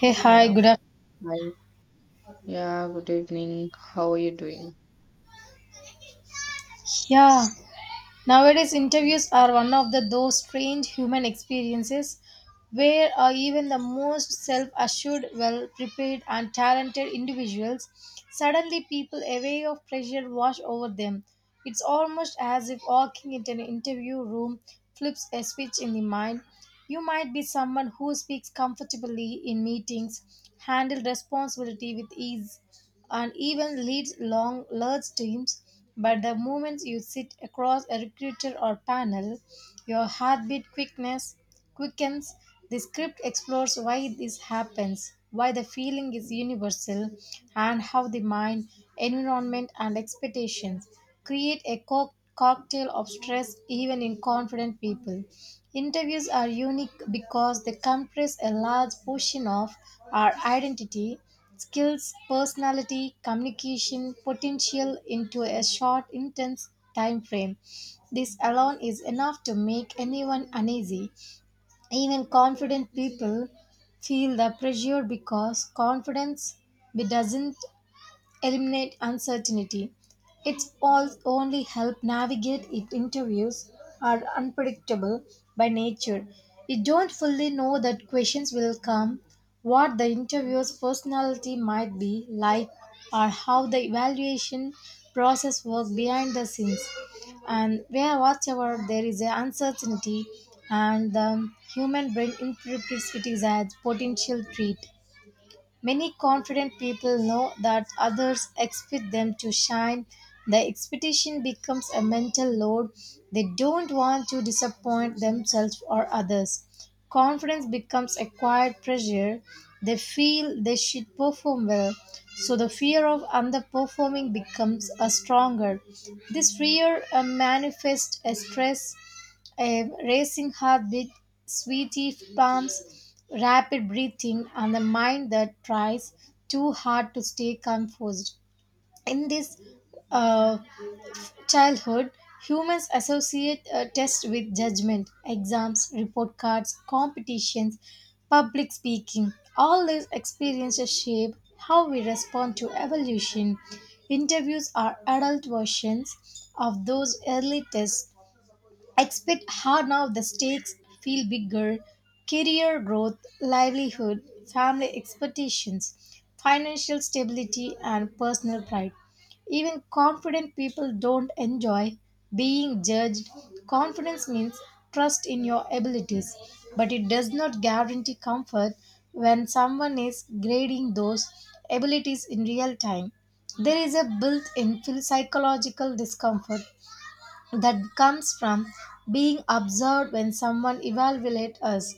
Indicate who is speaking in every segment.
Speaker 1: Hey, hi,
Speaker 2: Yeah,
Speaker 1: good afternoon.
Speaker 2: hi. Yeah, good evening. How are you doing?
Speaker 1: Yeah, nowadays interviews are one of the those strange human experiences where even the most self-assured, well-prepared and talented individuals suddenly people a wave of pressure wash over them. It's almost as if walking into an interview room flips a switch in the mind. You might be someone who speaks comfortably in meetings, handle responsibility with ease, and even leads long large teams, but the moment you sit across a recruiter or panel your heartbeat quickness quickens. The script explores why this happens, why the feeling is universal, and how the mind, environment and expectations create a cocktail of stress even in confident people. Interviews are unique because they compress a large portion of our identity, skills, personality, communication, potential into a short, intense time frame. This alone is enough to make anyone uneasy. Even confident people feel the pressure because confidence doesn't eliminate uncertainty. It's all only help navigate it. Interviews are unpredictable by nature. You don't fully know that questions will come, what the interviewer's personality might be like, or how the evaluation process works behind the scenes. And where whatever there is a uncertainty, and the human brain interprets it as potential treat. Many confident people know that others expect them to shine. The expectation becomes a mental load. They don't want to disappoint themselves or others. Confidence becomes a quiet pressure. They feel they should perform well, so the fear of underperforming becomes a stronger. This fear manifests as stress, a racing heartbeat, sweaty palms, rapid breathing, and a mind that tries too hard to stay composed. In this uh, childhood, humans associate a test with judgment, exams, report cards, competitions, public speaking. All these experiences shape how we respond to evolution. Interviews are adult versions of those early tests. Expect hard now the stakes feel bigger, career growth, livelihood, family expectations, financial stability, and personal pride. Even confident people don't enjoy being judged. Confidence means trust in your abilities, but it does not guarantee comfort. When someone is grading those abilities in real time, there is a built-in psychological discomfort that comes from being observed. When someone evaluates us,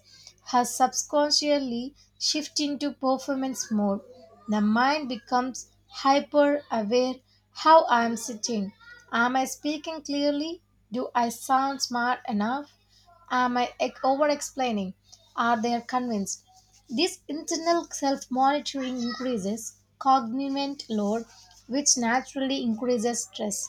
Speaker 1: has subconsciously shifted into performance mode. The mind becomes hyper aware. How I am sitting. Am I speaking clearly? Do I sound smart enough? Am I over explaining? Are they convinced? This internal self monitoring increases cognitive load, which naturally increases stress.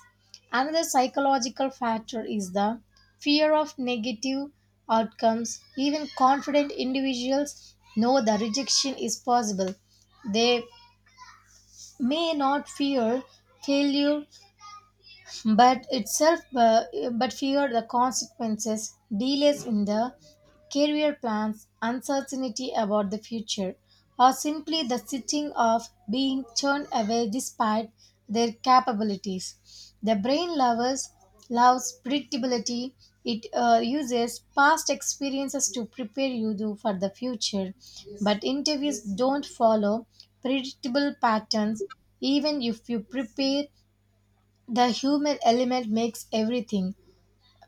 Speaker 1: Another psychological factor is the fear of negative outcomes. Even confident individuals know the rejection is possible. They may not fear failure but itself but fear the consequences, delays in the career plans, uncertainty about the future, or simply the sitting of being turned away despite their capabilities. The brain lovers loves predictability. It uses past experiences to prepare you for the future, but interviews don't follow predictable patterns. Even if you prepare, the human element makes everything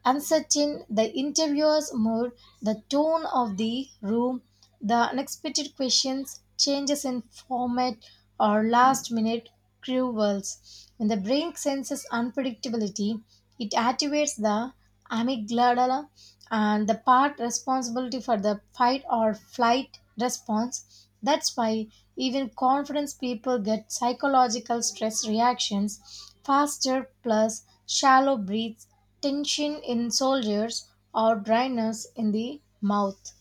Speaker 1: uncertain, the interviewer's mood, the tone of the room, the unexpected questions, changes in format, or last minute curveballs. When the brain senses unpredictability, it activates the amygdala and the part responsibility for the fight or flight response. That's why even confidence people get psychological stress reactions faster, plus shallow breaths, tension in shoulders, or dryness in the mouth.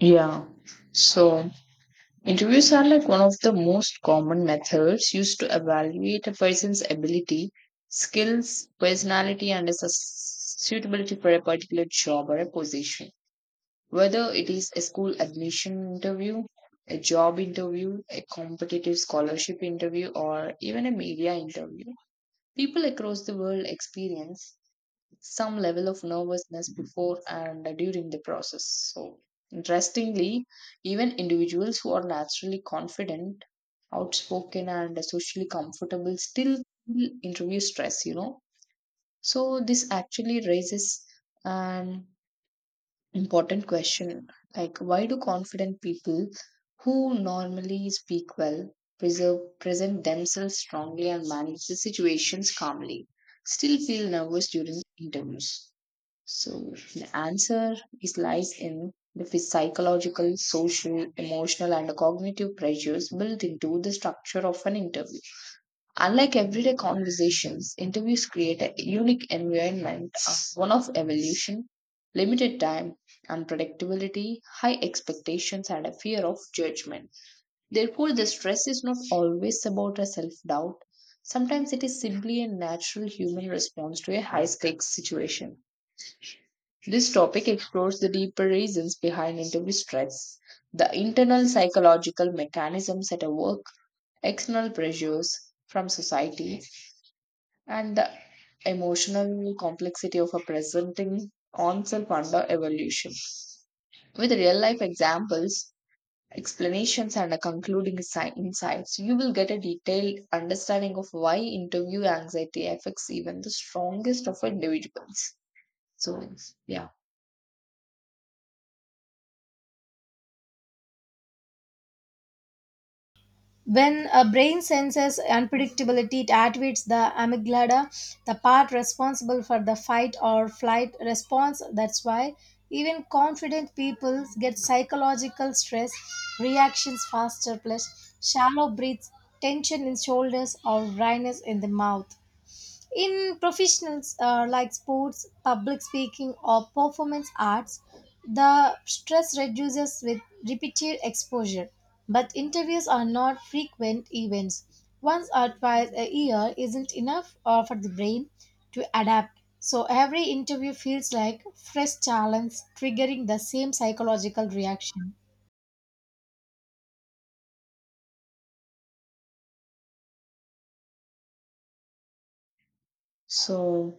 Speaker 2: Yeah, so interviews are like one of the most common methods used to evaluate a person's ability, skills, personality, and is a suitability for a particular job or a position. Whether it is a school admission interview, a job interview, a competitive scholarship interview, or even a media interview, people across the world experience some level of nervousness before and during the process. So, interestingly, even individuals who are naturally confident, outspoken, and socially comfortable still feel interview stress, you know. So, this actually raises an important question like, why do confident people who normally speak well, preserve, present themselves strongly and manage the situations calmly, still feel nervous during interviews? So the answer is lies in the psychological, social, emotional, and cognitive pressures built into the structure of an interview. Unlike everyday conversations, interviews create a unique environment, of one of evolution, limited time, unpredictability, high expectations, and a fear of judgment. Therefore, the stress is not always about a self doubt. Sometimes it is simply a natural human response to a high stakes situation. This topic explores the deeper reasons behind interview stress, the internal psychological mechanisms at work, external pressures from society, and the emotional complexity of a presenting oneself under evolution. With real life examples, explanations, and a concluding insights, you will get a detailed understanding of why interview anxiety affects even the strongest of individuals. So, yeah.
Speaker 1: When a brain senses unpredictability, it activates the amygdala, the part responsible for the fight or flight response. That's why even confident people get psychological stress reactions faster, plus shallow breaths, tension in shoulders, or dryness in the mouth. In professionals like sports, public speaking, or performance arts, the stress reduces with repeated exposure. But interviews are not frequent events. Once or twice a year isn't enough for the brain to adapt. So every interview feels like fresh challenge, triggering the same psychological reaction.
Speaker 2: So,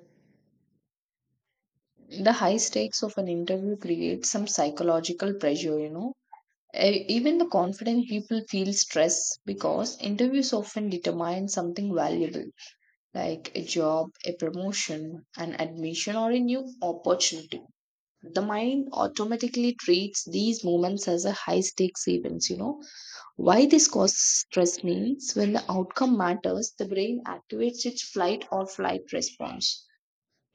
Speaker 2: the high stakes of an interview creates some psychological pressure, you know. Even the confident people feel stress because interviews often determine something valuable like a job, a promotion, an admission, or a new opportunity. The mind automatically treats these moments as a high stakes events, you know. Why this causes stress means when the outcome matters, the brain activates its flight or flight response.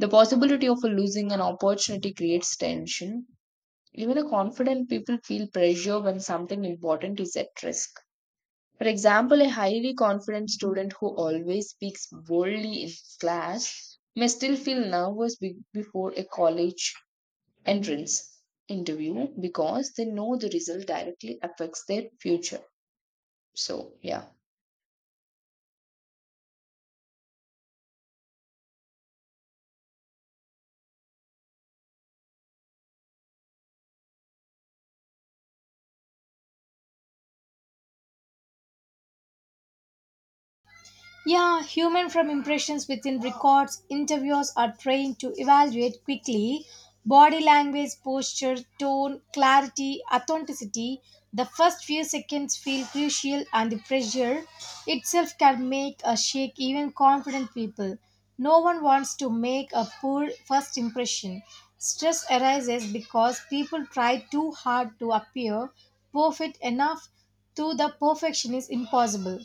Speaker 2: The possibility of losing an opportunity creates tension. Even a confident people feel pressure when something important is at risk. For example, a highly confident student who always speaks boldly in class may still feel nervous before a college entrance interview because they know the result directly affects their future. So, yeah.
Speaker 1: Yeah, human from impressions within records, interviewers are trained to evaluate quickly, body language, posture, tone, clarity, authenticity. The first few seconds feel crucial, and the pressure itself can make a shake even confident people. No one wants to make a poor first impression. Stress arises because people try too hard to appear perfect enough, to the perfection is impossible.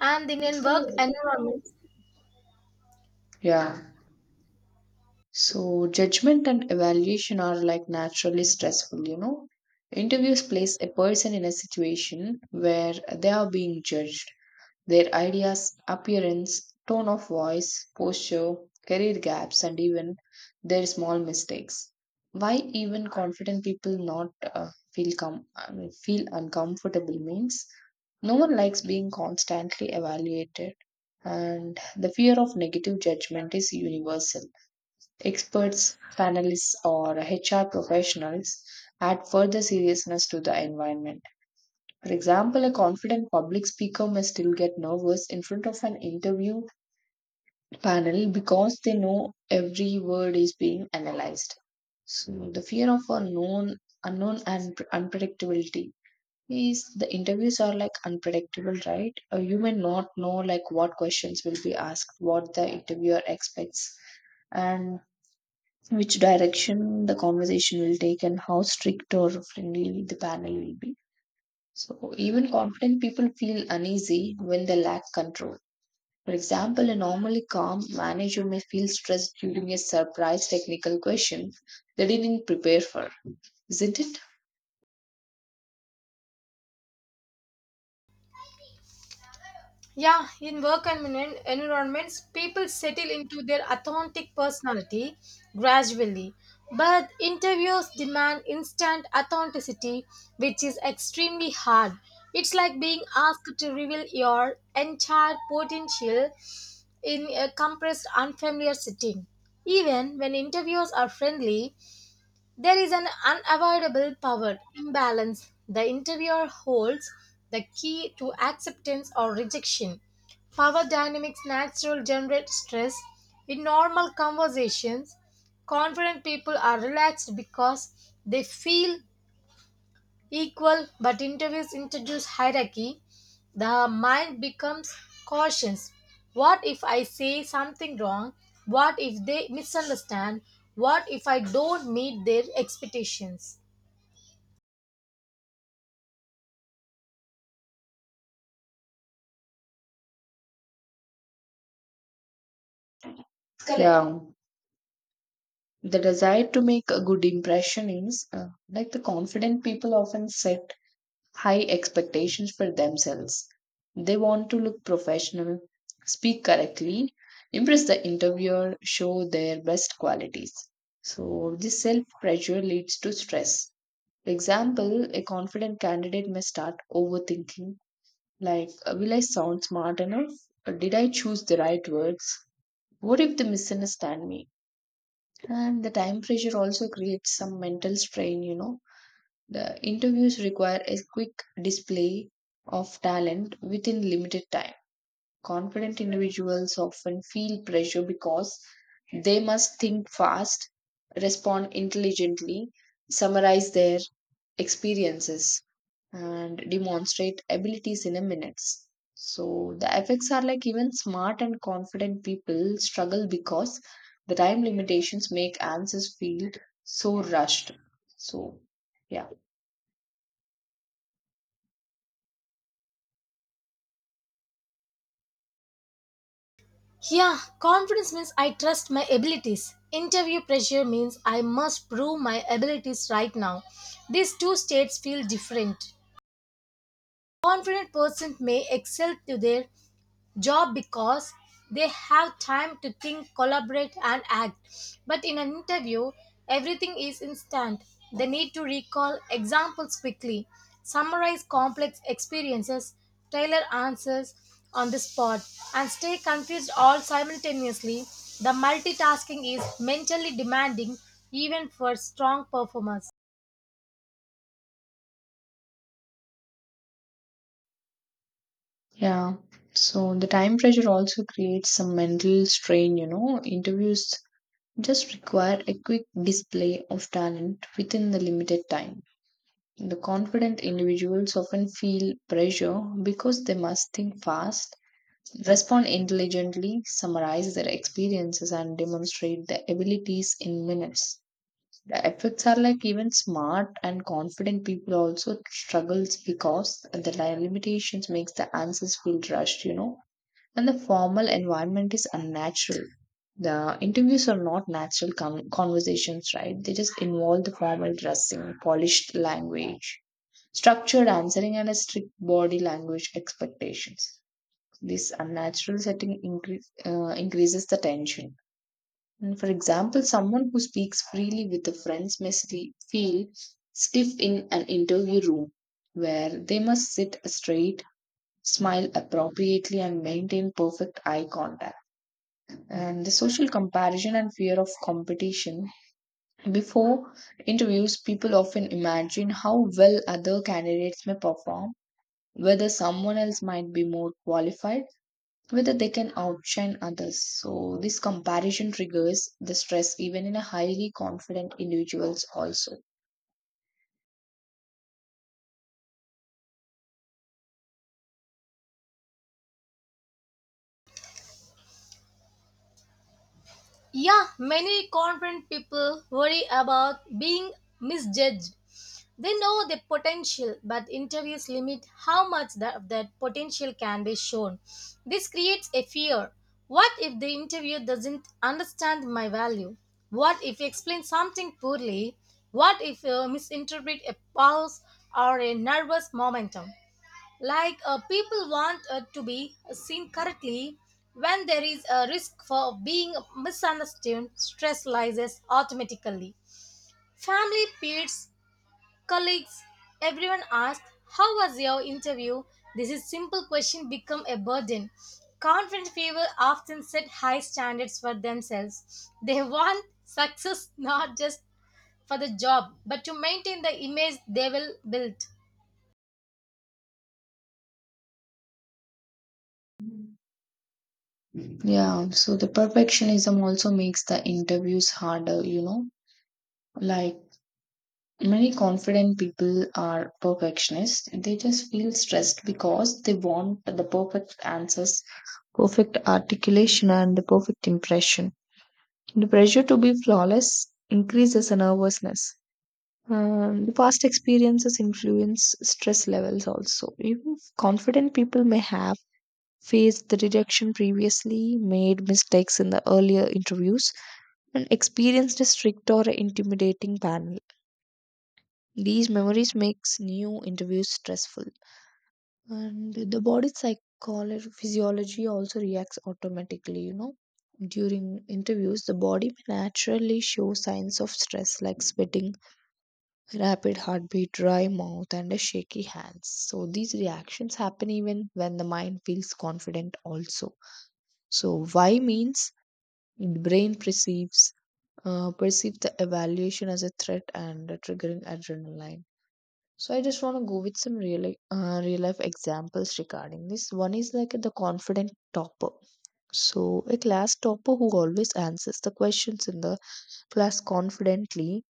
Speaker 1: And in work environments,
Speaker 2: Yeah. So judgment and evaluation are like naturally stressful, you know. Interviews place a person in a situation where they are being judged. Their ideas, appearance, tone of voice, posture, career gaps, and even their small mistakes. Why even confident people not feel uncomfortable means no one likes being constantly evaluated, and the fear of negative judgment is universal. Experts, panelists, or HR professionals add further seriousness to the environment. For example, a confident public speaker may still get nervous in front of an interview panel because they know every word is being analyzed. So, the fear of unknown, unknown and unpredictability, is the interviews are like unpredictable, right? You may not know like what questions will be asked, what the interviewer expects, and which direction the conversation will take and how strict or friendly the panel will be. So, even confident people feel uneasy when they lack control. For example, a normally calm manager may feel stressed during a surprise technical question they didn't prepare for, isn't it?
Speaker 1: yeah, in work and environments, people settle into their authentic personality gradually. But interviews demand instant authenticity, which is extremely hard. It's like being asked to reveal your entire potential in a compressed, unfamiliar setting. Even when interviews are friendly, there is an unavoidable power imbalance. The interviewer holds the key to acceptance or rejection. Power dynamics naturally generate stress. In normal conversations, confident people are relaxed because they feel equal, but interviews introduce hierarchy. The mind becomes cautious. What if I say something wrong? What if they misunderstand? What if I don't meet their expectations?
Speaker 2: Correct. Yeah. The desire to make a good impression is like the confident people often set high expectations for themselves. They want to look professional, speak correctly, impress the interviewer, show their best qualities. So, this self pressure leads to stress. For example, a confident candidate may start overthinking like, will I sound smart enough? Or did I choose the right words? What if they misunderstand me? And the time pressure also creates some mental strain, you know. The interviews require a quick display of talent within limited time. Confident individuals often feel pressure because they must think fast, respond intelligently, summarize their experiences, and demonstrate abilities in a minutes. So the effects are like even smart and confident people struggle because the time limitations make answers feel so rushed. So yeah.
Speaker 1: Yeah, confidence means I trust my abilities. Interview pressure means I must prove my abilities right now. These two states feel different. Confident person may excel to their job because they have time to think, collaborate, and act. But in an interview, everything is instant. They need to recall examples quickly, summarize complex experiences, tailor answers on the spot, and stay confused all simultaneously. The multitasking is mentally demanding even for strong performers.
Speaker 2: Yeah. So the time pressure also creates some mental strain, you know. Interviews just require a quick display of talent within the limited time. The confident individuals often feel pressure because they must think fast, respond intelligently, summarize their experiences, and demonstrate their abilities in minutes. The effects are like even smart and confident people also struggles because the limitations makes the answers feel rushed, you know. And the formal environment is unnatural. The interviews are not natural conversations, right? They just involve the formal dressing, polished language, structured answering, and a strict body language expectations. This unnatural setting increases the tension. And for example, someone who speaks freely with the friends may feel stiff in an interview room where they must sit straight, smile appropriately, and maintain perfect eye contact. And the social comparison and fear of competition. Before interviews, people often imagine how well other candidates may perform, whether someone else might be more qualified, whether they can outshine others. So, this comparison triggers the stress even in a highly confident individuals also.
Speaker 1: Yeah, many confident people worry about being misjudged. They know the potential, but interviews limit how much of that potential can be shown. This creates a fear. What if the interviewer doesn't understand my value? What if he explains something poorly? What if you misinterpret a pause or a nervous momentum? Like people want to be seen correctly. When there is a risk for being misunderstood, stress rises automatically. Family, peers, colleagues, everyone asked, how was your interview? This is simple question become a burden. Confident people often set high standards for themselves. They want success not just for the job, but to maintain the image they will build.
Speaker 2: Yeah, so the perfectionism also makes the interviews harder, you know. Like, many confident people are perfectionists. They just feel stressed because they want the perfect answers, perfect articulation, and the perfect impression. The pressure to be flawless increases the nervousness. The past experiences influence stress levels also. Even confident people may have faced the rejection previously, made mistakes in the earlier interviews, and experienced a strict or intimidating panel. These memories makes new interviews stressful, and the body psychology physiology also reacts automatically. You know, during interviews, the body may naturally show signs of stress like sweating, rapid heartbeat, dry mouth, and a shaky hands. So these reactions happen even when the mind feels confident. Also, so why means the brain perceives the evaluation as a threat and triggering adrenaline. So I just want to go with some real life examples regarding this. One is like the confident topper. So a class topper who always answers the questions in the class confidently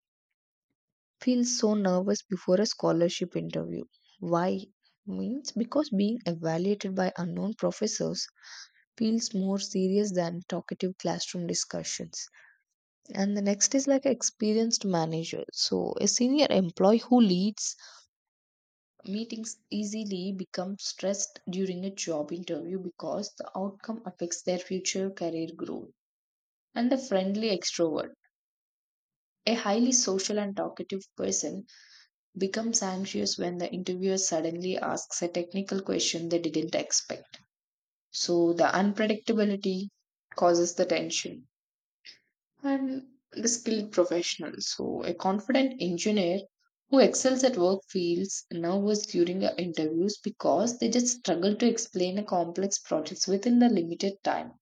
Speaker 2: feels so nervous before a scholarship interview. Why? Means because being evaluated by unknown professors feels more serious than talkative classroom discussions. And the next is like experienced manager. So a senior employee who leads meetings easily become stressed during a job interview because the outcome affects their future career growth. And the friendly extrovert, a highly social and talkative person, becomes anxious when the interviewer suddenly asks a technical question they didn't expect. So the unpredictability causes the tension and the skilled professional. So, a confident engineer who excels at work feels nervous during the interviews because they just struggle to explain a complex projects within the limited time.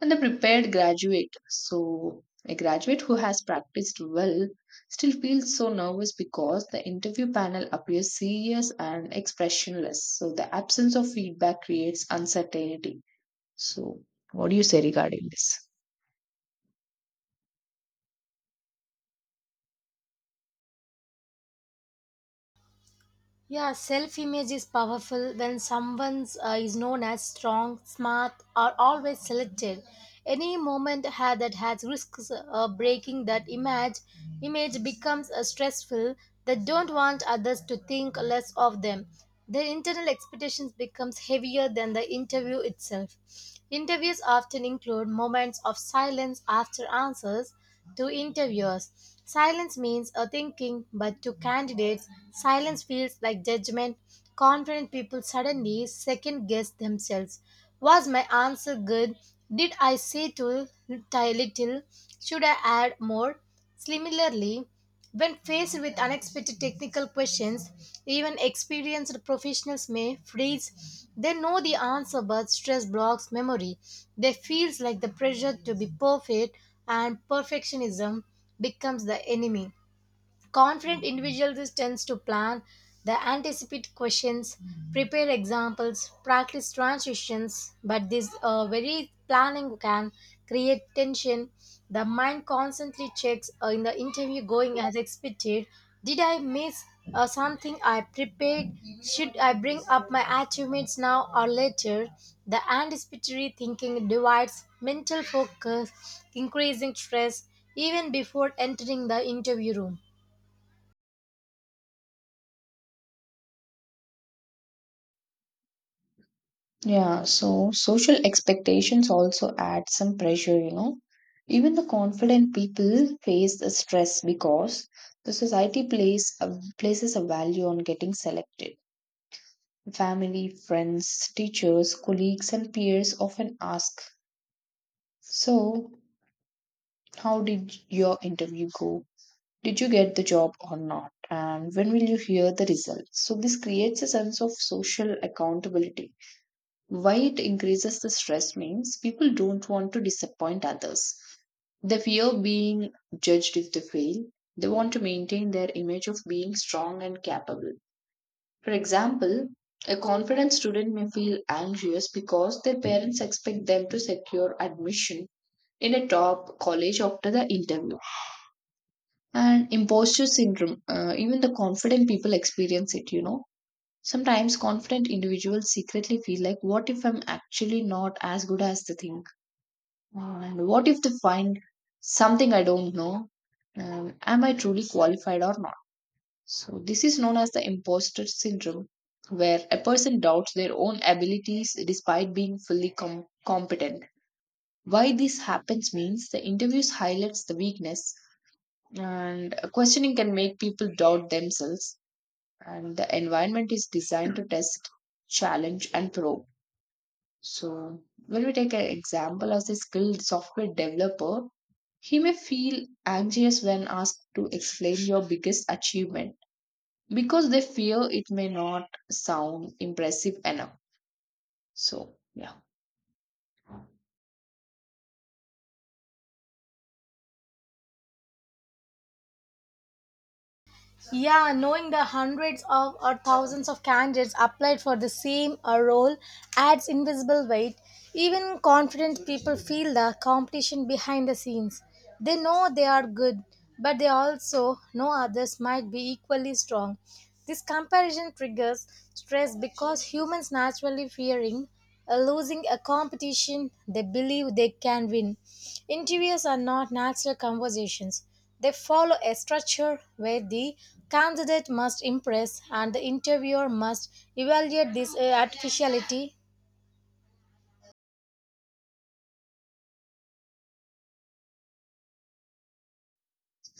Speaker 2: And the prepared graduate, so a graduate who has practiced well still feels so nervous because the interview panel appears serious and expressionless. So the absence of feedback creates uncertainty. So, what do you say regarding this?
Speaker 1: Yeah, self image is powerful when someone is known as strong, smart, or always selected. Any moment that has risks of breaking that image, image becomes stressful. They don't want others to think less of them. Their internal expectations becomes heavier than the interview itself. Interviews often include moments of silence after answers to interviewers. Silence means a thinking, but to candidates, silence feels like judgment. Confident people suddenly second guess themselves. Was my answer good? Did I say too little? Should I add more? Similarly, when faced with unexpected technical questions, even experienced professionals may freeze. They know the answer, but stress blocks memory. They feels like the pressure to be perfect, and perfectionism becomes the enemy. Confident individuals tends to plan, they anticipate questions, prepare examples, practice transitions, but this very planning can create tension. The mind constantly checks in the interview going as expected. Did I miss something I prepared? Should I bring up my achievements now or later? The anticipatory thinking divides mental focus, increasing stress even before entering the interview room.
Speaker 2: Yeah, so social expectations also add some pressure, you know. Even the confident people face the stress because the society places a value on getting selected. Family, friends, teachers, colleagues, and peers often ask, so, how did your interview go? Did you get the job or not? And when will you hear the results? So, this creates a sense of social accountability. Why it increases the stress means people don't want to disappoint others. They fear being judged if they fail. They want to maintain their image of being strong and capable. For example, a confident student may feel anxious because their parents expect them to secure admission in a top college after the interview. And imposter syndrome, even the confident people experience it, you know. Sometimes confident individuals secretly feel like, what if I'm actually not as good as they think? And what if they find something I don't know? Am I truly qualified or not? So, this is known as the imposter syndrome, where a person doubts their own abilities despite being fully competent. Why this happens means the interviews highlights the weakness, and questioning can make people doubt themselves, and the environment is designed to test, challenge, and probe. So, when we take an example as a skilled software developer, he may feel anxious when asked to explain your biggest achievement because they fear it may not sound impressive enough. So, yeah.
Speaker 1: Yeah, knowing the hundreds of or thousands of candidates applied for the same role adds invisible weight. Even confident people feel the competition behind the scenes. They know they are good, but they also know others might be equally strong. This comparison triggers stress because humans naturally fearing losing a competition they believe they can win. Interviews are not natural conversations. They follow a structure where the candidate must impress and the interviewer must evaluate this artificiality.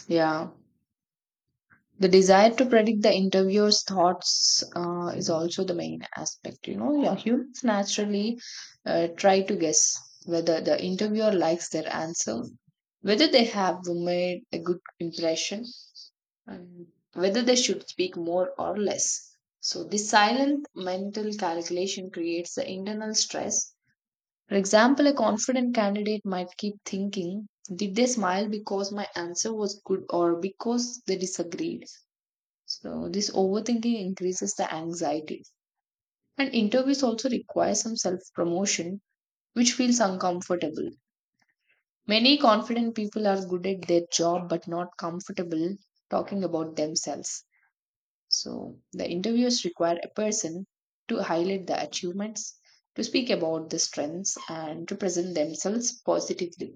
Speaker 2: Yeah. The desire to predict the interviewer's thoughts is also the main aspect. You know, yeah, humans naturally try to guess whether the interviewer likes their answer, whether they have made a good impression, and whether they should speak more or less. So, this silent mental calculation creates the internal stress. For example, a confident candidate might keep thinking, did they smile because my answer was good or because they disagreed? So, this overthinking increases the anxiety. And interviews also require some self promotion, which feels uncomfortable. Many confident people are good at their job but not comfortable talking about themselves. So the interviews require a person to highlight the achievements, to speak about the strengths, and to present themselves positively.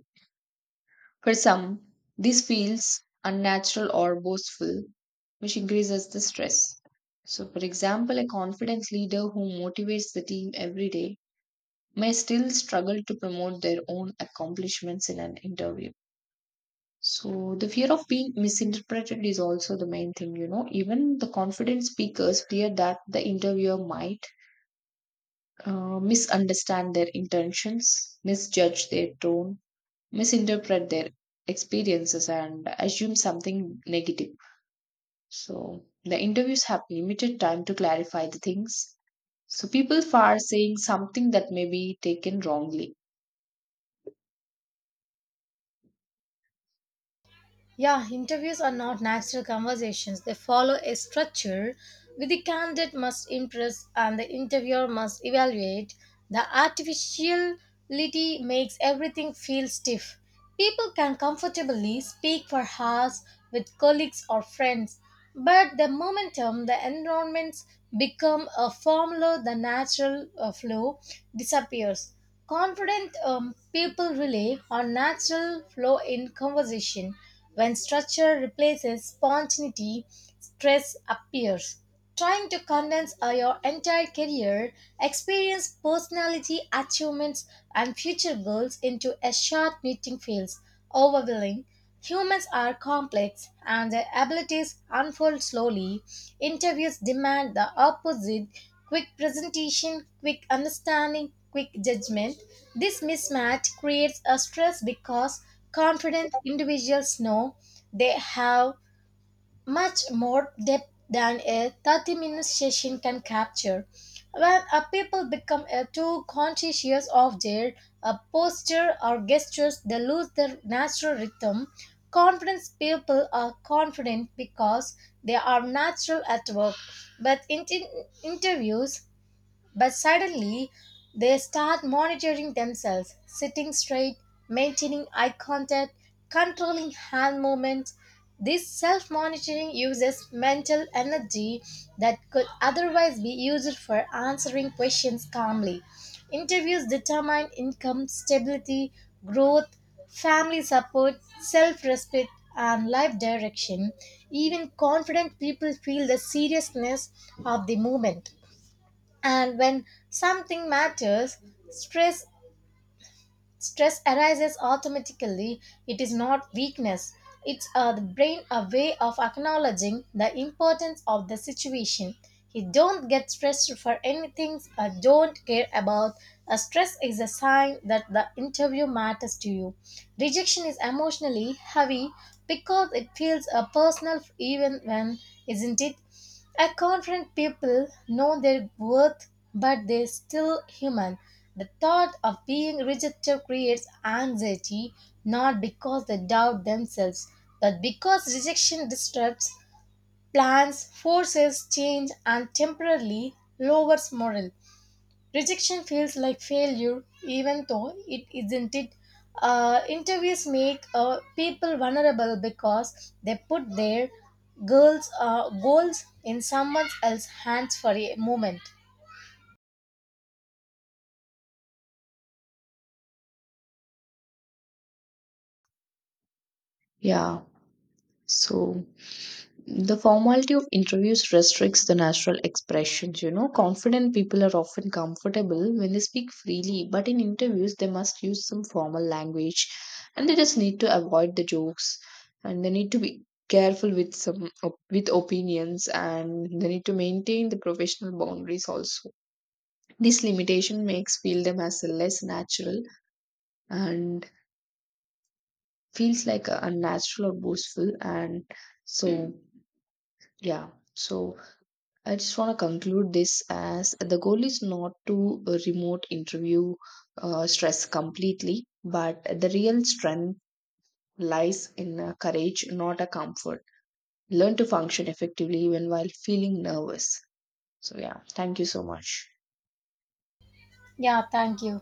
Speaker 2: For some, this feels unnatural or boastful, which increases the stress. So, for example, a confidence leader who motivates the team every day may still struggle to promote their own accomplishments in an interview. So the fear of being misinterpreted is also the main thing, you know. Even the confident speakers fear that the interviewer might misunderstand their intentions, misjudge their tone, misinterpret their experiences, and assume something negative. So the interviews have limited time to clarify the things. So people are saying something that may be taken wrongly.
Speaker 1: Yeah, interviews are not natural conversations. They follow a structure where the candidate must impress and the interviewer must evaluate. The artificiality makes everything feel stiff. People can comfortably speak for hours with colleagues or friends, but the momentum, the environments become a formula, the natural flow disappears. Confident people rely on natural flow in conversation. When structure replaces spontaneity, stress appears. Trying to condense your entire career, experience, personality, achievements, and future goals into a short meeting feels overwhelming. Humans are complex and their abilities unfold slowly. Interviews demand the opposite, quick presentation, quick understanding, quick judgment. This mismatch creates a stress because confident individuals know they have much more depth than a 30-minute minute session can capture. When people become too conscious of their posture or gestures, they lose their natural rhythm. Confidence people are confident because they are natural at work, but in interviews but suddenly, they start monitoring themselves, sitting straight, maintaining eye contact, controlling hand movements. This self monitoring uses mental energy that could otherwise be used for answering questions calmly. Interviews determine income, stability, growth, family support, self respect, and life direction. Even confident people feel the seriousness of the moment. And when something matters, stress stress arises automatically. It is not weakness. It's the brain a way of acknowledging the importance of the situation. You don't get stressed for anything I don't care about. A stress is a sign that the interview matters to you. Rejection is emotionally heavy because it feels a personal even when isn't it? I confront people know their worth, but they're still human. The thought of being rejected creates anxiety, not because they doubt themselves, but because rejection disrupts plans, forces change, and temporarily lowers morale. Rejection feels like failure, even though it isn't it. Interviews make people vulnerable because they put their girls' goals in someone else's hands for a moment.
Speaker 2: Yeah. So the formality of interviews restricts the natural expressions. You know, confident people are often comfortable when they speak freely, but in interviews, they must use some formal language and they just need to avoid the jokes and they need to be careful with some with opinions and they need to maintain the professional boundaries also. This limitation makes feel them as less natural and feels like a unnatural or boastful. And so yeah, so I just want to conclude this as the goal is not to remote interview stress completely, but the real strength lies in courage, not a comfort. Learn to function effectively even while feeling nervous. So, yeah, thank you so much.
Speaker 1: Yeah, thank you.